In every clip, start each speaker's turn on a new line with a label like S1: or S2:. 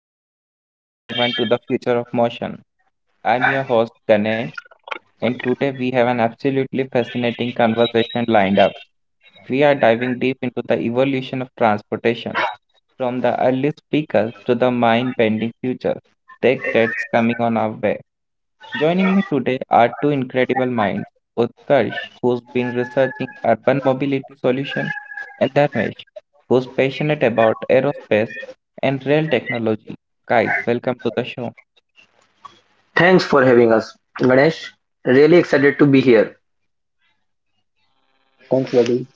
S1: Welcome everyone to the future of motion. I'm your host Ganesh, and today we have an absolutely fascinating conversation lined up. We are diving deep into the evolution of transportation, from the earliest speakers to the mind bending future tech that's coming on our way. Joining me today are two incredible minds, Utkarsh, who's been researching urban mobility solutions, and Dharmesh, who's passionate about aerospace and rail technology. Guys, welcome to the show.
S2: Thanks for having us, Ganesh. Really excited to be here.
S3: Thanks, buddy.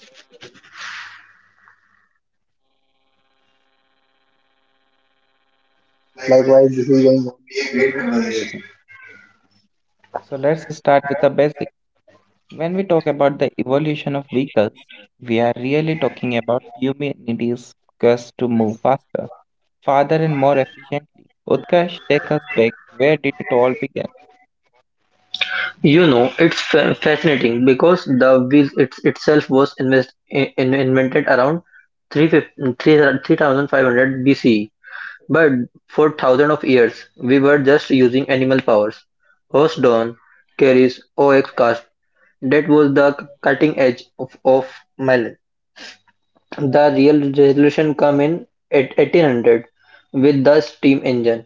S3: Likewise, this is going on to be a great conversation.
S1: So let's start with the basics. When we talk about the evolution of vehicles, we are really talking about humanity's quest to move faster, farther and more efficiently. Utkarsh, take us back. Where did it all begin?
S2: It's fascinating because the wheel itself was invented around 3500 BCE, but for thousands of years, we were just using animal powers. Horse drawn, carries OX cast. That was the cutting edge of millet. The real revolution came in at 1800 with the steam engine.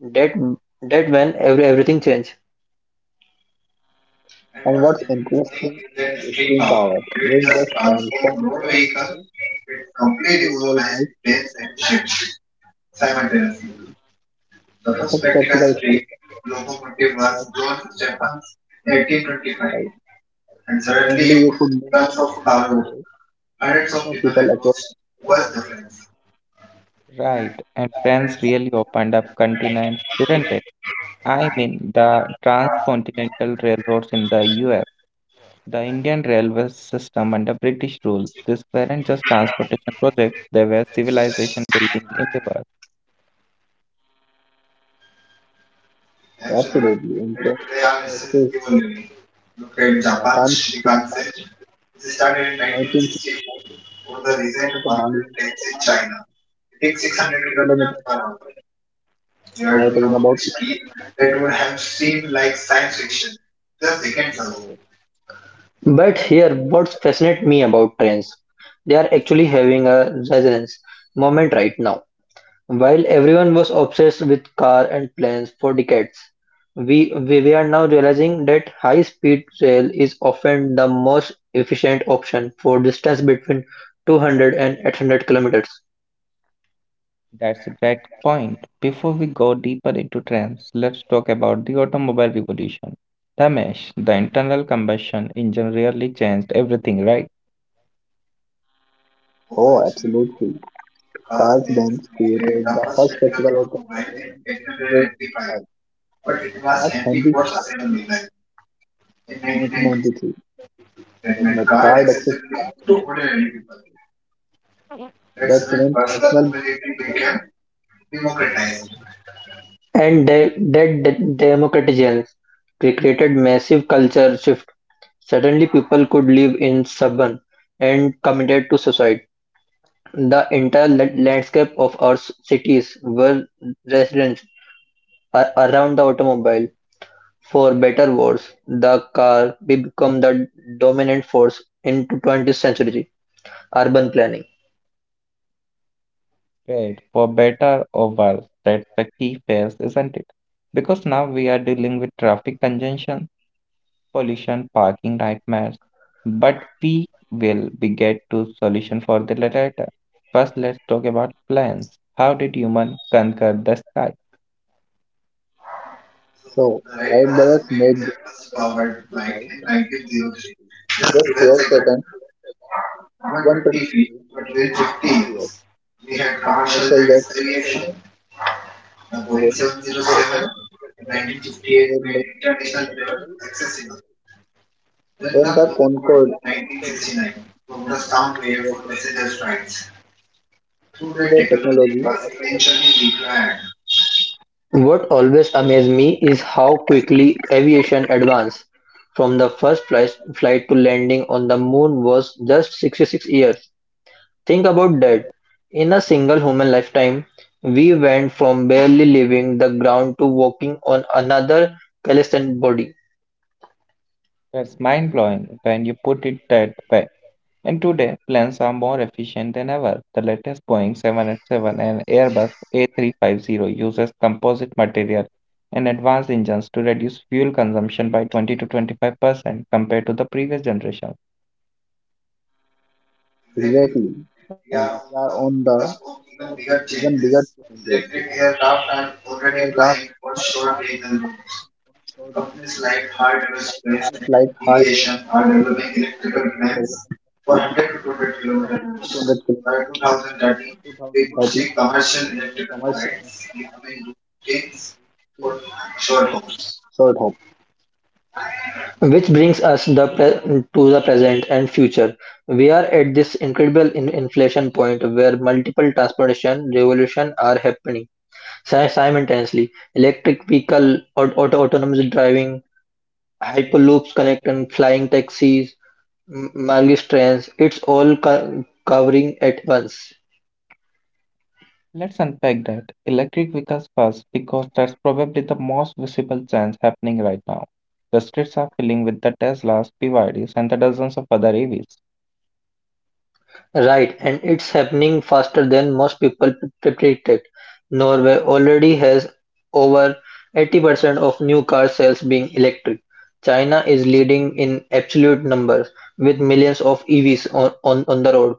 S2: That that when everything changed.
S3: And what's interesting is that string power didn't just transform road vehicles, simply revolutionized them simultaneously. The first practical string locomotive was brought in 1825. Suddenly, you could move tons of cargo, millions of people across vast distance.
S1: Right, and trans really opened up continents, didn't they? I mean, the transcontinental railroads in the US, the Indian railway system under British rule, these weren't just transportation projects, they were civilization building endeavors.
S3: Absolutely, and trains today are still evolving. For Japan's Shikaku started in 19 or the river at Mangalore sitting 600 kilometers far away. We are talking about speed that would have seemed like science fiction just decades ago.
S2: But here, what fascinates me about trains, they are actually having a resonance moment right now. While everyone was obsessed with car and planes for decades, we are now realizing that high-speed rail is often the most efficient option for distance between 200 and 800 kilometers.
S1: That's a great point. Before we go deeper into trends, let's talk about the automobile revolution. Ramesh, the internal combustion engine really changed everything, right?
S3: Oh, absolutely. Carl Benz created the first practical automobile in 1885, but it was Henry Ford's assembly line in 1993 that made cars accessible to ordinary people. That's when personal mobility became democratized.
S2: And that democratization created massive culture shift. Suddenly people could live in suburban and committed to society. The entire landscape of our cities were residents around the automobile. For better or worse, the car became the dominant force in 20th century urban planning.
S1: Right, for better or worse, that's the key phase, isn't it? Because now we are dealing with traffic congestion, pollution, parking nightmares, but we will be get to solution for the later. First, let's talk about plants. How did human conquer the sky?
S3: So the Wright brothers made their first powered flight in 1903. Just 12 seconds, 120 feet, between 50 years. The commercial jet, aviation, the Boeing 707, create made international travel accessible. Then the Concorde in 1969 broke the sound barrier for passenger flights. Through the technology was eventually required.
S2: What always amazed me is how quickly aviation advanced. From the first flight to landing on the moon was just 66 years. Think about that: in a single human lifetime, we went from barely leaving the ground to walking on another calloused body.
S1: That's mind blowing when you put it that way. And today, planes are more efficient than ever. The latest Boeing 787 and Airbus A350 uses composite material and advanced engines to reduce fuel consumption by 20 to 25% compared to the previous generation.
S3: Exactly. And we are on the cusp of even bigger changes. Electric aircraft are already flying on short range. Companies like Hart Aerospace are developing electric 100 to 200 kilometers by 2030 to commercial electric for short hope.
S2: Which brings us to the present and future. We are at this incredible inflation point where multiple transportation revolutions are happening simultaneously. Electric vehicle, autonomous driving, hyperloops connecting flying taxis, Margis trains, it's all covering at once.
S1: Let's unpack that. Electric vehicles first, because that's probably the most visible change happening right now. The streets are filling with the Teslas, PYDs, and the dozens of other EVs.
S2: Right, and it's happening faster than most people predicted. Norway already has over 80% of new car sales being electric. China is leading in absolute numbers with millions of EVs on the road.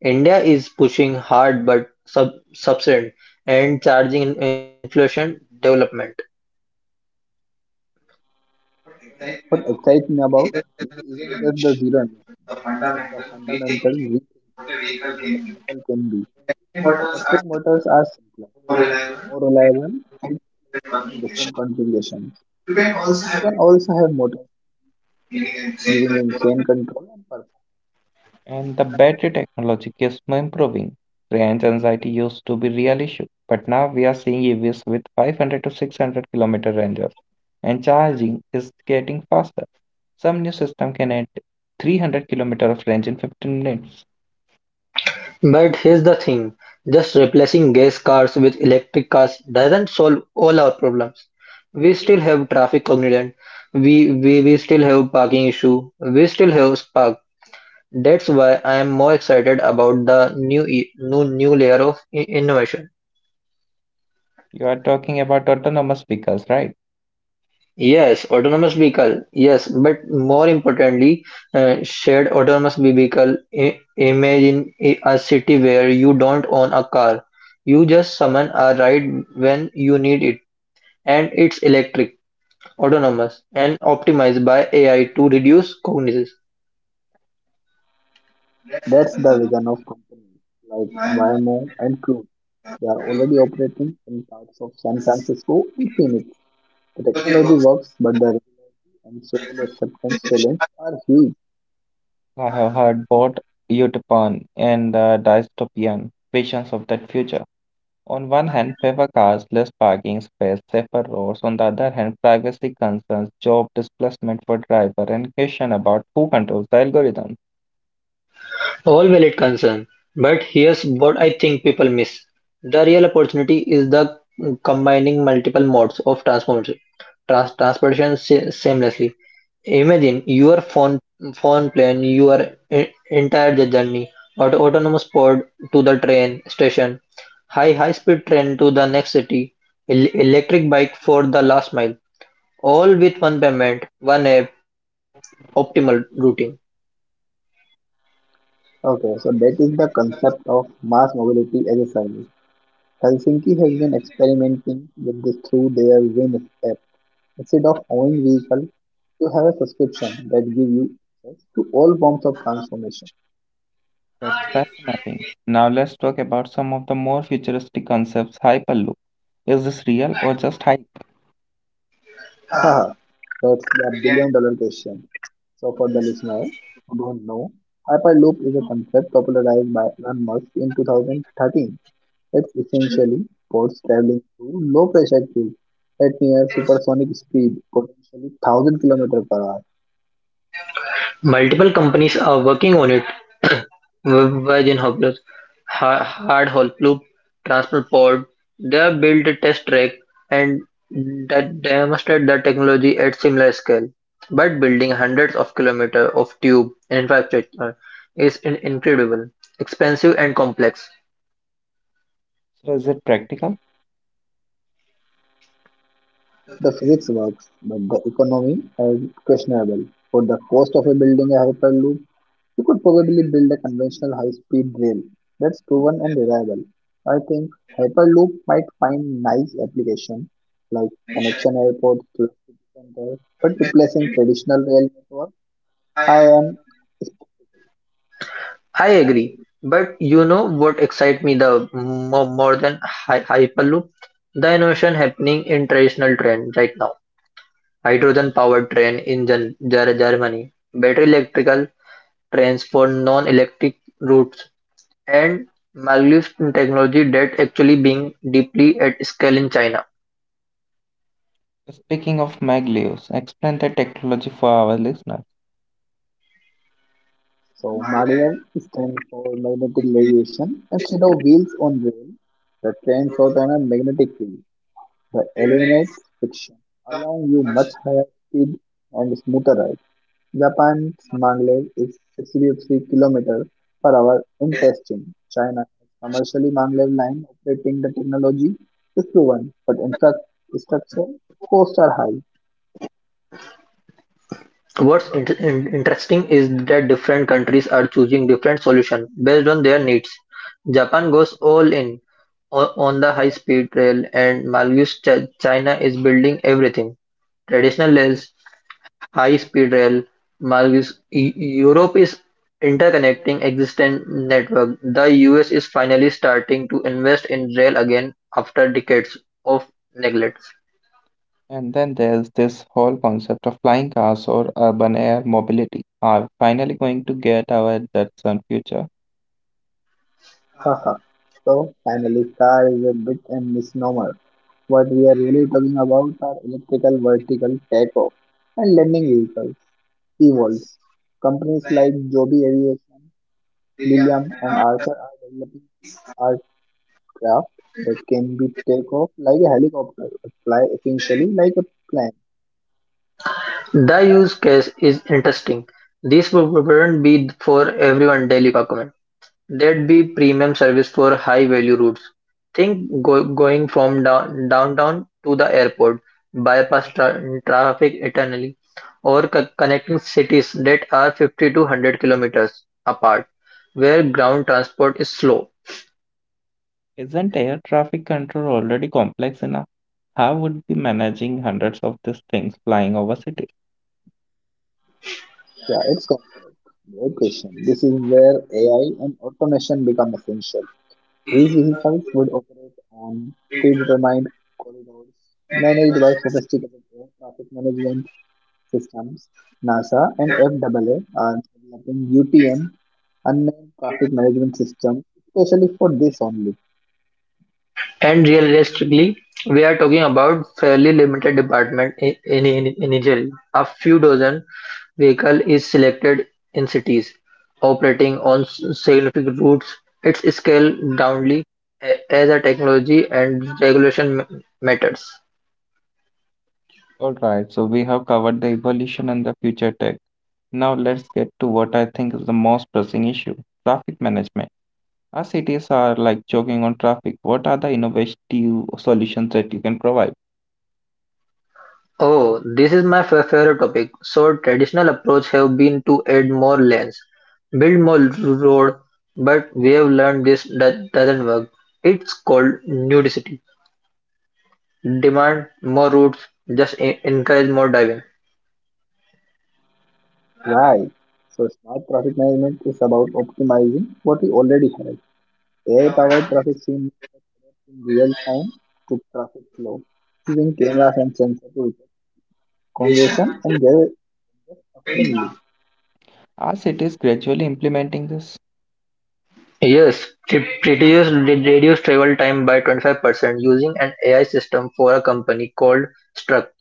S2: India is pushing hard but sub subsequent and charging inflation development.
S3: What excites me about it isn't just the zero emission, but the fundamental rethinking of what a vehicle can be. Electric motors are simpler, more reliable, and can be placed in different configurations. You can also have motors giving insane control and performance.
S1: And the battery technology keeps improving. Range anxiety used to be real issue, but now we are seeing EVs with 500 to 600 kilometer ranges, and charging is getting faster. Some new system can add 300 kilometer of range in 15 minutes.
S2: But here's the thing, just replacing gas cars with electric cars doesn't solve all our problems. We still have traffic congestion. We still have parking issue. We still have spark. That's why I am more excited about the new layer of innovation.
S1: You are talking about autonomous vehicles, right?
S2: Yes, autonomous vehicle. Yes, but more importantly, shared autonomous vehicle. Imagine a city where you don't own a car. You just summon a ride when you need it. And it's electric, autonomous, and optimized by AI to reduce cognizance.
S3: That's the vision of companies like Waymo and Cruise. They are already operating in parts of San Francisco and Phoenix. The technology works, but the regulatory and social acceptance challenge are huge.
S1: I have heard both utopian and the dystopian visions of that future. On one hand, favor cars, less parking space, safer roads. On the other hand, privacy concerns, job displacement for driver, and question about who controls the algorithm.
S2: All valid concern. But here's what I think people miss. The real opportunity is the combining multiple modes of transformation, transportation seamlessly. Imagine your phone plan your entire journey, autonomous pod to the train station, high speed train to the next city, electric bike for the last mile. All with one payment, one app, optimal routing.
S3: Okay, so that is the concept of mass mobility as a service. Helsinki has been experimenting with this through their Win app. Instead of owning vehicle, you have a subscription that give you access to all forms of transformation.
S1: That's fascinating. Now let's talk about some of the more futuristic concepts. Hyperloop. Is this real or just hype?
S3: Haha, that's the billion-dollar question. So, for the listener who don't know, Hyperloop is a concept popularized by Elon Musk in 2013. It's essentially boats traveling through low pressure tubes at near supersonic speed, potentially 1000 kilometers per hour.
S2: Multiple companies are working on it. Virgin Hopeless, Hard Hop Loop, Transport Pod. They have built a test track and that demonstrate the technology at similar scale. But building hundreds of kilometers of tube infrastructure is incredible, expensive and complex.
S1: So is it practical?
S3: The physics works, but the economy is questionable. For the cost of a building a hyperloop, you could probably build a conventional high-speed rail that's proven and reliable. I think Hyperloop might find nice application like connection airports to the city center, but replacing traditional rail network, I am skeptical.
S2: I agree, but you know what excites me the more than Hyperloop? The innovation happening in traditional train right now. Hydrogen-powered train in Germany, battery electrical trains for non-electric routes, and Maldives technology that actually being deeply at scale in China.
S1: Speaking of Magleos, explain the technology for our listeners.
S3: So Maryland stands for magnetic levitation. Instead of wheels on rail, the train float on a magnetic field. The eliminates friction, allowing you much higher speed and smoother ride. Japan's Mangle is 63 kilometers per hour in testing. China has commercially Maglev line operating the technology is proven, but infrastructure costs are high.
S2: What's interesting is that different countries are choosing different solutions based on their needs. Japan goes all in on the high speed rail, and Malgus China is building everything traditional rails, high speed rail, Malgus. Europe is interconnecting existing network. The US is finally starting to invest in rail again after decades of neglect.
S1: And then there's this whole concept of flying cars or urban air mobility. Are we finally going to get our Datsun future?
S3: Haha. So finally, car is a bit a misnomer. What we are really talking about are electrical vertical takeoff and landing vehicles, EVOLs. Companies like Joby Aviation Lilium and Archer are developing the aircraft that can be take off like a helicopter, but fly essentially like a plane.
S2: The use case is interesting. This wouldn't be for everyone daily document. There'd be premium service for high value routes. Think going from downtown to the airport, bypass traffic eternally, or connecting cities that are 50 to 100 kilometers apart, where ground transport is slow.
S1: Isn't air traffic control already complex enough? How would be managing hundreds of these things flying over cities?
S3: Yeah, great question. This is where AI and automation become essential. These vehicles would operate on predetermined corridors managed by sophisticated air traffic management systems. NASA and FAA are developing UTM, unmanned traffic management systems, especially for this only.
S2: And realistically, we are talking about fairly limited department initially. A few dozen vehicle is selected in cities operating on significant routes. It's scaled downly as a technology and regulation matters.
S1: All right, so we have covered the evolution and the future tech. Now let's get to what I think is the most pressing issue, traffic management. As cities are like choking on traffic, what are the innovative solutions that you can provide?
S2: Oh, this is my favorite topic. So traditional approach have been to add more lanes, build more road, but we have learned this that doesn't work. It's called nudicity. Demand more routes just encourage more diving.
S3: Right. So smart traffic management is about optimizing what we already have. AI-powered traffic signal adapt in real time to traffic flow, using cameras and sensors to detect congestion and adjust accordingly.
S1: Are cities gradually implementing this?
S2: Yes, it reduce travel time by 25% using an AI system for a company called Struck.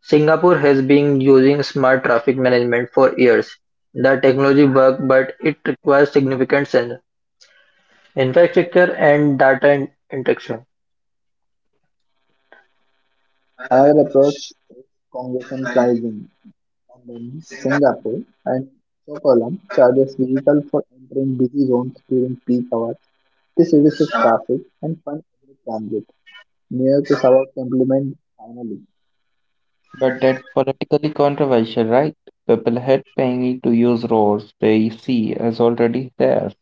S2: Singapore has been using smart traffic management for years. The technology works, but it requires significant sensor infrastructure and data interaction.
S3: Another approach is congestion pricing. And in Singapore and Stockholm charges vehicle for entering busy zones during peak hours. This reduces traffic and funds public transit. New York is about to implement finally.
S1: But that's politically controversial, right? People hate paying to use roads they see as already there.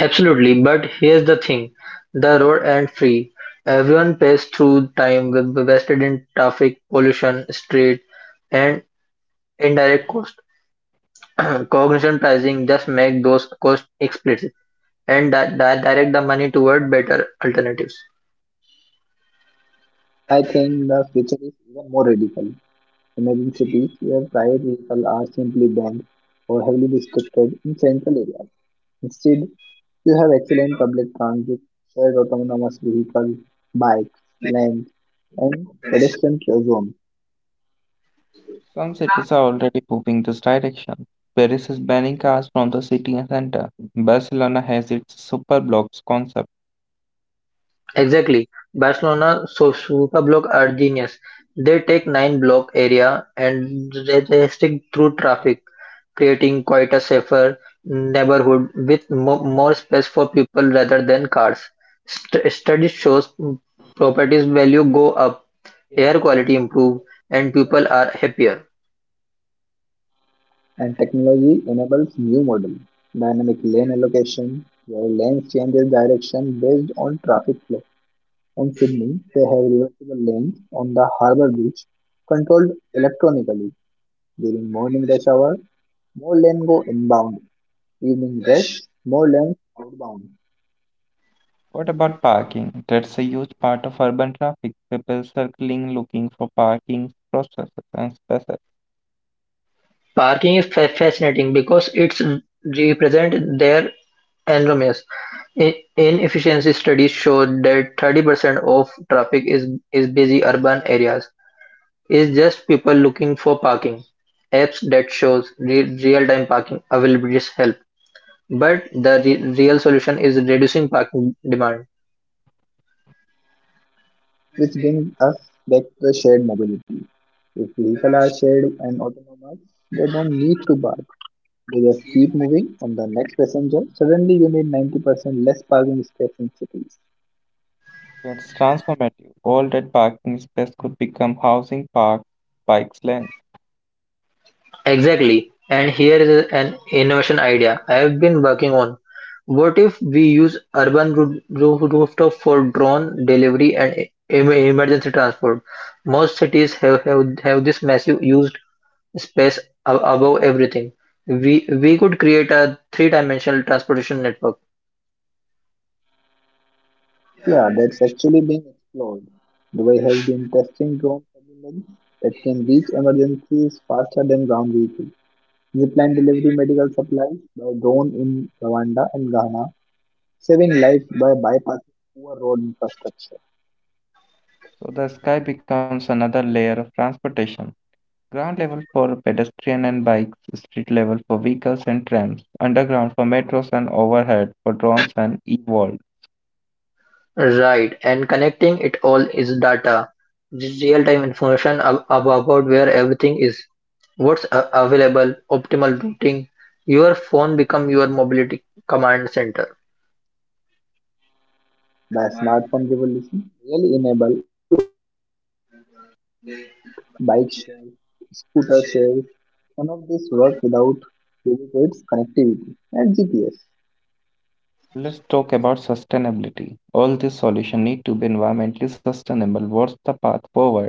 S2: Absolutely, but here's the thing: the road ain't free. Everyone pays through time wasted in traffic, pollution, street, and indirect costs. Cognition pricing just makes those costs explicit, and directs the money toward better alternatives.
S3: I think the future is even more radical. Imagine cities where private vehicles are simply banned or heavily restricted in central areas. Instead, you have excellent public transit, shared autonomous vehicles, bikes, lanes, and pedestrian zones.
S1: Some cities are already moving this direction. Paris is banning cars from the city center. Barcelona has its super blocks concept.
S2: Exactly. Barcelona so Superblock are genius. They take nine block area and they stick through traffic, creating quite a safer neighborhood with more space for people rather than cars. Study shows properties value go up, air quality improve, and people are happier.
S3: And technology enables new model, dynamic lane allocation, where lanes changes direction based on traffic flow. In Sydney, they have reversible lanes on the harbour beach, controlled electronically. During morning rush hour, more lanes go inbound. Evening rush, more lanes outbound,
S1: What about parking? That's a huge part of urban traffic. People circling, looking for parking processes and spaces.
S2: Parking is fascinating because it's represent their enormous inefficiency. Studies show that 30% of traffic is busy urban areas is just people looking for parking. Apps that shows real-time parking availabilities help, but the real solution is reducing parking demand.
S3: which brings us back to the shared mobility. If vehicles are shared and autonomous, they don't need to park. They just keep moving on the next passenger. Suddenly, you need 90% less parking space in cities.
S1: That's transformative. All that parking space could become housing parks, bikes lanes.
S2: Exactly. And here is an innovation idea I have been working on. What if we use urban rooftop for drone delivery and emergency transport? Most cities have this massive used space above everything. We could create a three dimensional transportation network.
S3: Yeah, that's actually being explored. Dubai has been testing drone surveillance that can reach emergencies faster than ground vehicles. Zipline delivery medical supplies by drone in Rwanda and Ghana saving lives by bypassing poor road infrastructure.
S1: So the sky becomes another layer of transportation. Ground level for pedestrian and bikes, street level for vehicles and trams, underground for metros and overhead for drones and e-world.
S2: Right, and connecting it all is data. This real-time information about where everything is, what's available, optimal routing. Your phone become your mobility command center.
S3: The smartphone revolution really enabled all of this. Uber, Lyft, bike shares, scooter shares, none of this work without adequate connectivity and GPS.
S1: Let's talk about sustainability. All these solutions need to be environmentally sustainable. What's the path forward?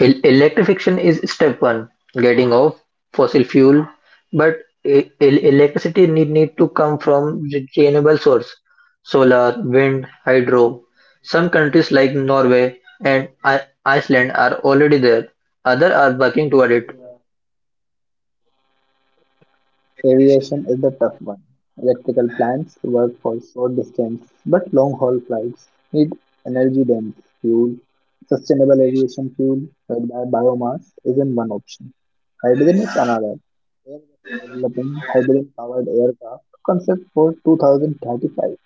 S2: Electrification is step one, getting off fossil fuel, but electricity need to come from renewable source, solar, wind, hydro. Some countries like Norway and Iceland are already there. Others are working toward it.
S3: Aviation is the tough one. Electrical plants work for short distance but long haul flights need energy dense fuel. Sustainable aviation fuel made by biomass isn't one option. Hydrogen is another. Airbus is developing hydrogen powered aircraft concept for 2035.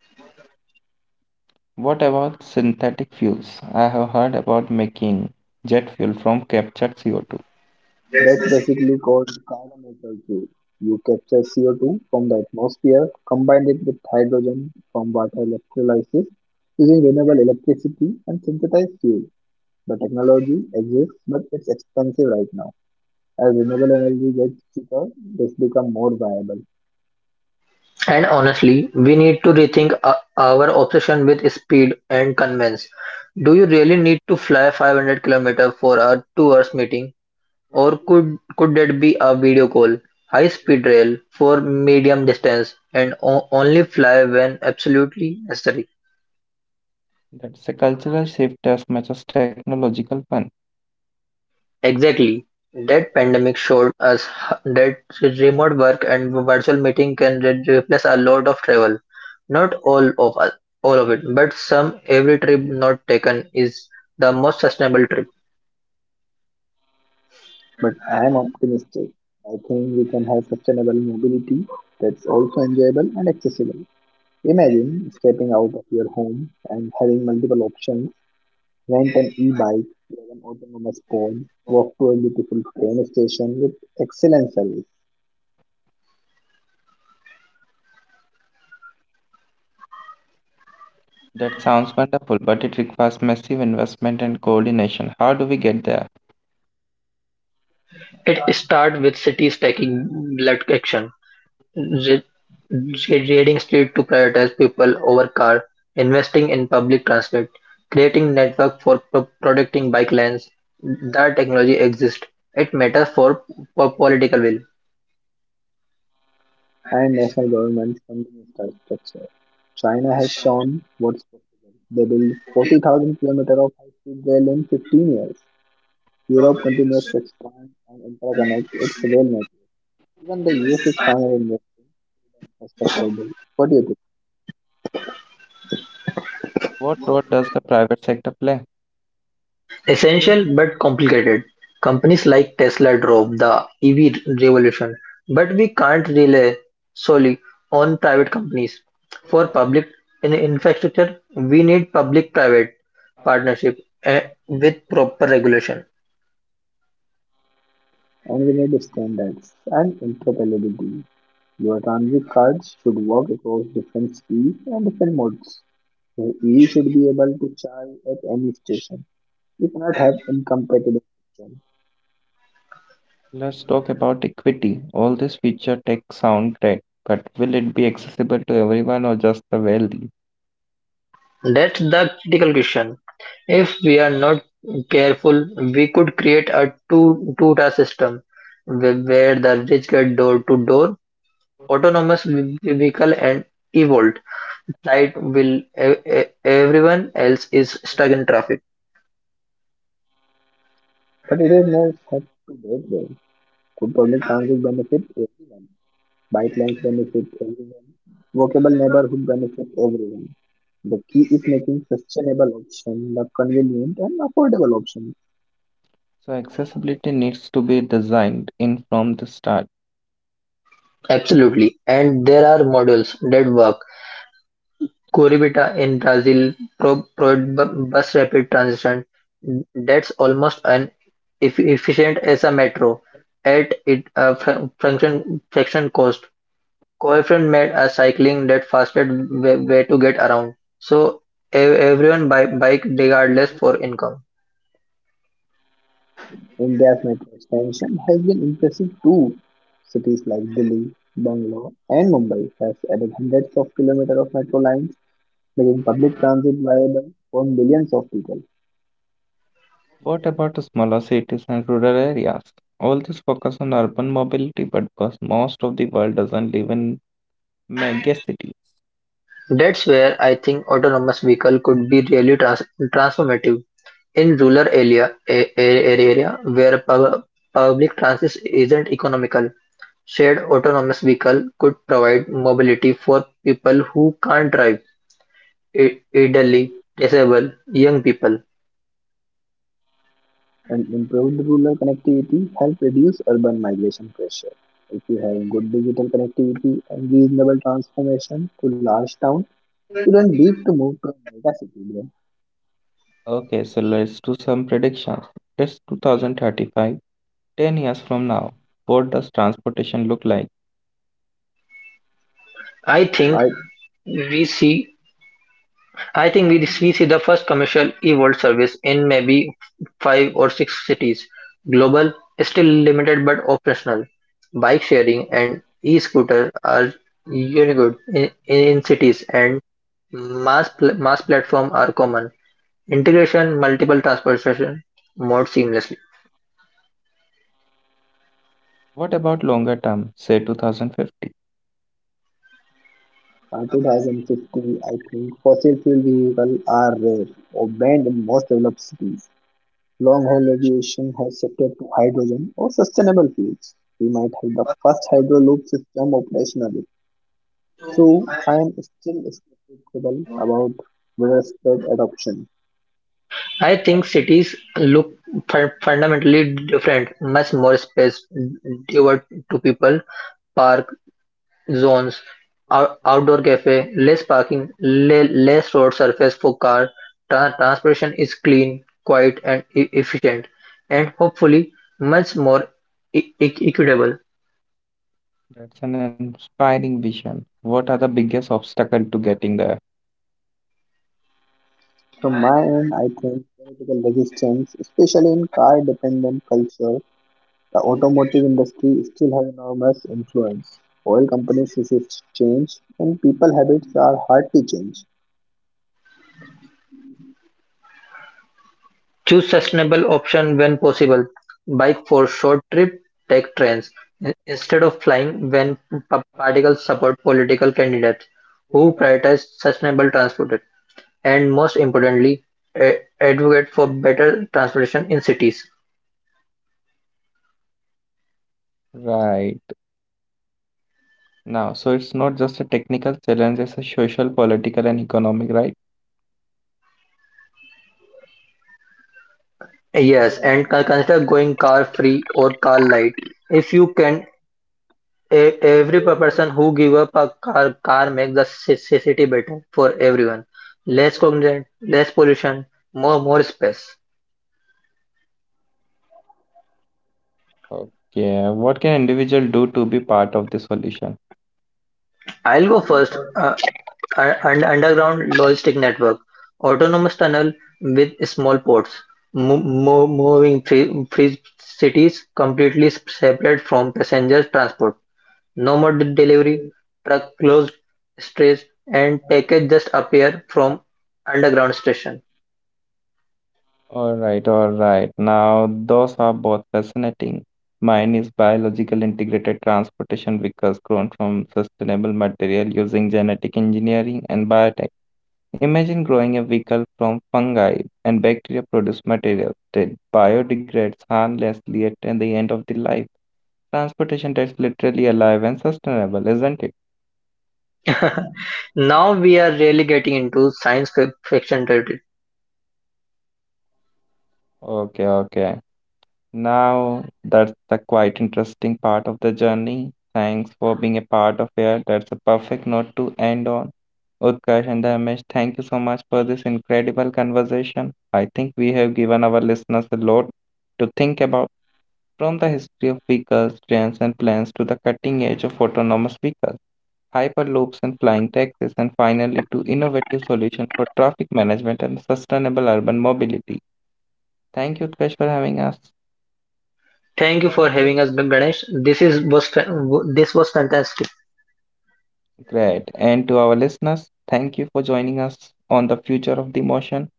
S1: What about synthetic fuels? I have heard about making jet fuel from captured CO2.
S3: That's basically called carbon neutral fuel. You capture CO2 from the atmosphere, combine it with hydrogen from water electrolysis using renewable electricity and synthesized fuel. The technology exists, but it's expensive right now. As renewable energy gets cheaper, this becomes more viable.
S2: And honestly, we need to rethink our obsession with speed and convenience. Do you really need to fly 500 km for a 2 hours meeting or could that be a video call, high speed rail for medium distance and only fly when absolutely necessary?
S1: That's a cultural shift as much as technological one.
S2: Exactly, that pandemic showed us that remote work and virtual meeting can replace a lot of travel. Not all of us, all of it, but some. Every trip not taken is the most sustainable trip.
S3: But I am optimistic. I think we can have sustainable mobility that's also enjoyable and accessible. Imagine stepping out of your home and having multiple options. Rent an e-bike, get an autonomous pod, walk to a beautiful train station with excellent service.
S1: That sounds wonderful, but it requires massive investment and coordination. How do we get there?
S2: It starts with cities taking blood action. Re- Reading state to prioritize people over car, investing in public transit, creating network for protecting bike lanes. That technology exists. It matters for political will.
S3: And national governments funding infrastructure. China has shown what's possible. They built 40,000 kilometers of high-speed rail in 15 years. Europe continues to expand and interconnect its rail network. Even the US is finally investing in the infrastructure bill. What do you think?
S1: What role does the private sector play?
S2: Essential but complicated. Companies like Tesla drove the EV revolution, but we can't rely solely on private companies. For public infrastructure, we need public private partnership with proper regulation.
S3: And we need standards and interoperability. Your transit cards should work across different speeds and different modes. Your EV should be able to charge at any station. You cannot have incompatible systems.
S1: Let's talk about equity. All this future tech sound great, but will it be accessible to everyone or just the wealthy?
S2: That's the critical question. If we are not careful, we could create a two-tier system where the rich get door-to-door, autonomous vehicle, and evolved light will everyone else is stuck in traffic.
S3: But it is not set to that way. Could public transit benefit everyone? Bike lanes benefit everyone. Walkable neighborhood benefit everyone. The key is making sustainable option the convenient and affordable option.
S1: So accessibility needs to be designed in from the start.
S2: Absolutely, and there are models that work. Curitiba in Brazil provides bus rapid transit that's almost as efficient as a metro, at a fraction cost. Coefficient made a cycling that fastest way to get around, so everyone buy bike regardless for income.
S3: India's metro expansion has been impressive too. Cities like Delhi, Bangalore, and Mumbai has added hundreds of kilometers of metro lines, making public transit viable for millions of people.
S1: What about the smaller cities and rural areas? All this focus on urban mobility, but because most of the world doesn't live in mega cities.
S2: That's where I think autonomous vehicle could be really transformative in rural area area where public transit isn't economical. Shared autonomous vehicle could provide mobility for people who can't drive, elderly, disabled, young people.
S3: And improve the rural connectivity help reduce urban migration pressure. If you have good digital connectivity and reasonable transformation to large town, you don't need to move to a mega city. Bro.
S1: Okay, so let's do some predictions. It's 2035, 10 years from now. What does transportation look like?
S2: I think
S3: I,
S2: we see I think we see the first commercial e-world service in maybe five or six cities. Global, still limited but operational. Bike sharing and e-scooter are unique in cities and mass platform are common. Integration multiple transportation more seamlessly.
S1: What about longer term, say 2050?
S3: by 2050, I think fossil fuel vehicles are rare or banned in most developed cities. Long haul aviation has shifted to hydrogen or sustainable fuels. We might have the first hydroloop system operational. Though I am still skeptical about widespread adoption.
S2: I think cities look fundamentally different, much more space devoted to people, park zones, outdoor cafe, less parking, less road surface for car. Transportation is clean, quiet, and efficient, and hopefully much more equitable.
S1: That's an inspiring vision. What are the biggest obstacle to getting there?
S3: From my end, I think political resistance, especially in car dependent culture, the automotive industry still has enormous influence. Oil companies resist change, and people habits are hard to change.
S2: Choose sustainable option when possible: bike for short trip, take trains instead of flying when particles support political candidates who prioritize sustainable transport, and most importantly, advocate for better transportation in cities.
S1: Right. Now, so it's not just a technical challenge, it's a social, political, and economic, right?
S2: Yes, and consider going car free or car light. If you can, every person who give up a car makes the city better for everyone. Less cognizant, less pollution, more space.
S1: Okay. What can individual do to be part of the solution?
S2: I'll go first. An underground logistic network, autonomous tunnel with small ports, moving three cities completely separate from passenger transport. No more delivery, truck closed, strays, and package just appear from underground station.
S1: All right, all right. Now, those are both fascinating. Mine is biological integrated transportation vehicles grown from sustainable material using genetic engineering and biotech. Imagine growing a vehicle from fungi and bacteria produce material that biodegrades harmlessly at the end of the life. Transportation that's literally alive and sustainable, isn't it?
S2: now we are really getting into science fiction territory.
S1: Okay, okay. Now that's the quite interesting part of the journey. Thanks for being a part of it. That's a perfect note to end on. Utkarsh and Dharmesh, thank you so much for this incredible conversation. I think we have given our listeners a lot to think about. From the history of vehicles, trains, and planes to the cutting edge of autonomous vehicles, hyperloops and flying taxis, and finally to innovative solutions for traffic management and sustainable urban mobility. Thank you, Utkarsh, for having us.
S2: Thank you for having us, Ganesh. This is was fa- w- This was fantastic.
S1: Great. And to our listeners, thank you for joining us on the future of the motion.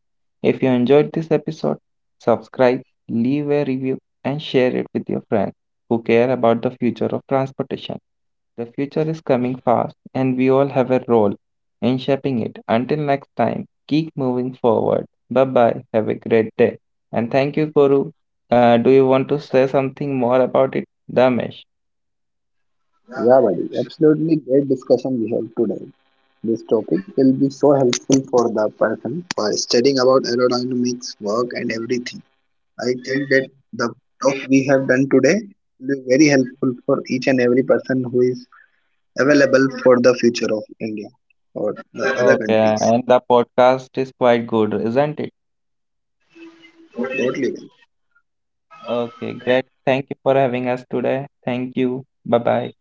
S1: If you enjoyed this episode, subscribe, leave a review, and share it with your friends who care about the future of transportation. The future is coming fast, and we all have a role in shaping it. Until next time, keep moving forward. Bye bye. Have a great day. And thank you, Guru. Do you want to say something more about it, Damesh?
S3: Yeah, buddy, absolutely great discussion we have today. This topic will be so helpful for the person for studying about aerodynamics, work, and everything. I think that the talk we have done today will be very helpful for each and every person who is available for the future of India or the other
S1: Okay,
S3: countries.
S1: and the podcast is quite good, isn't it?
S3: Totally.
S1: Okay, great. Thank you for having us today. Thank you. Bye bye.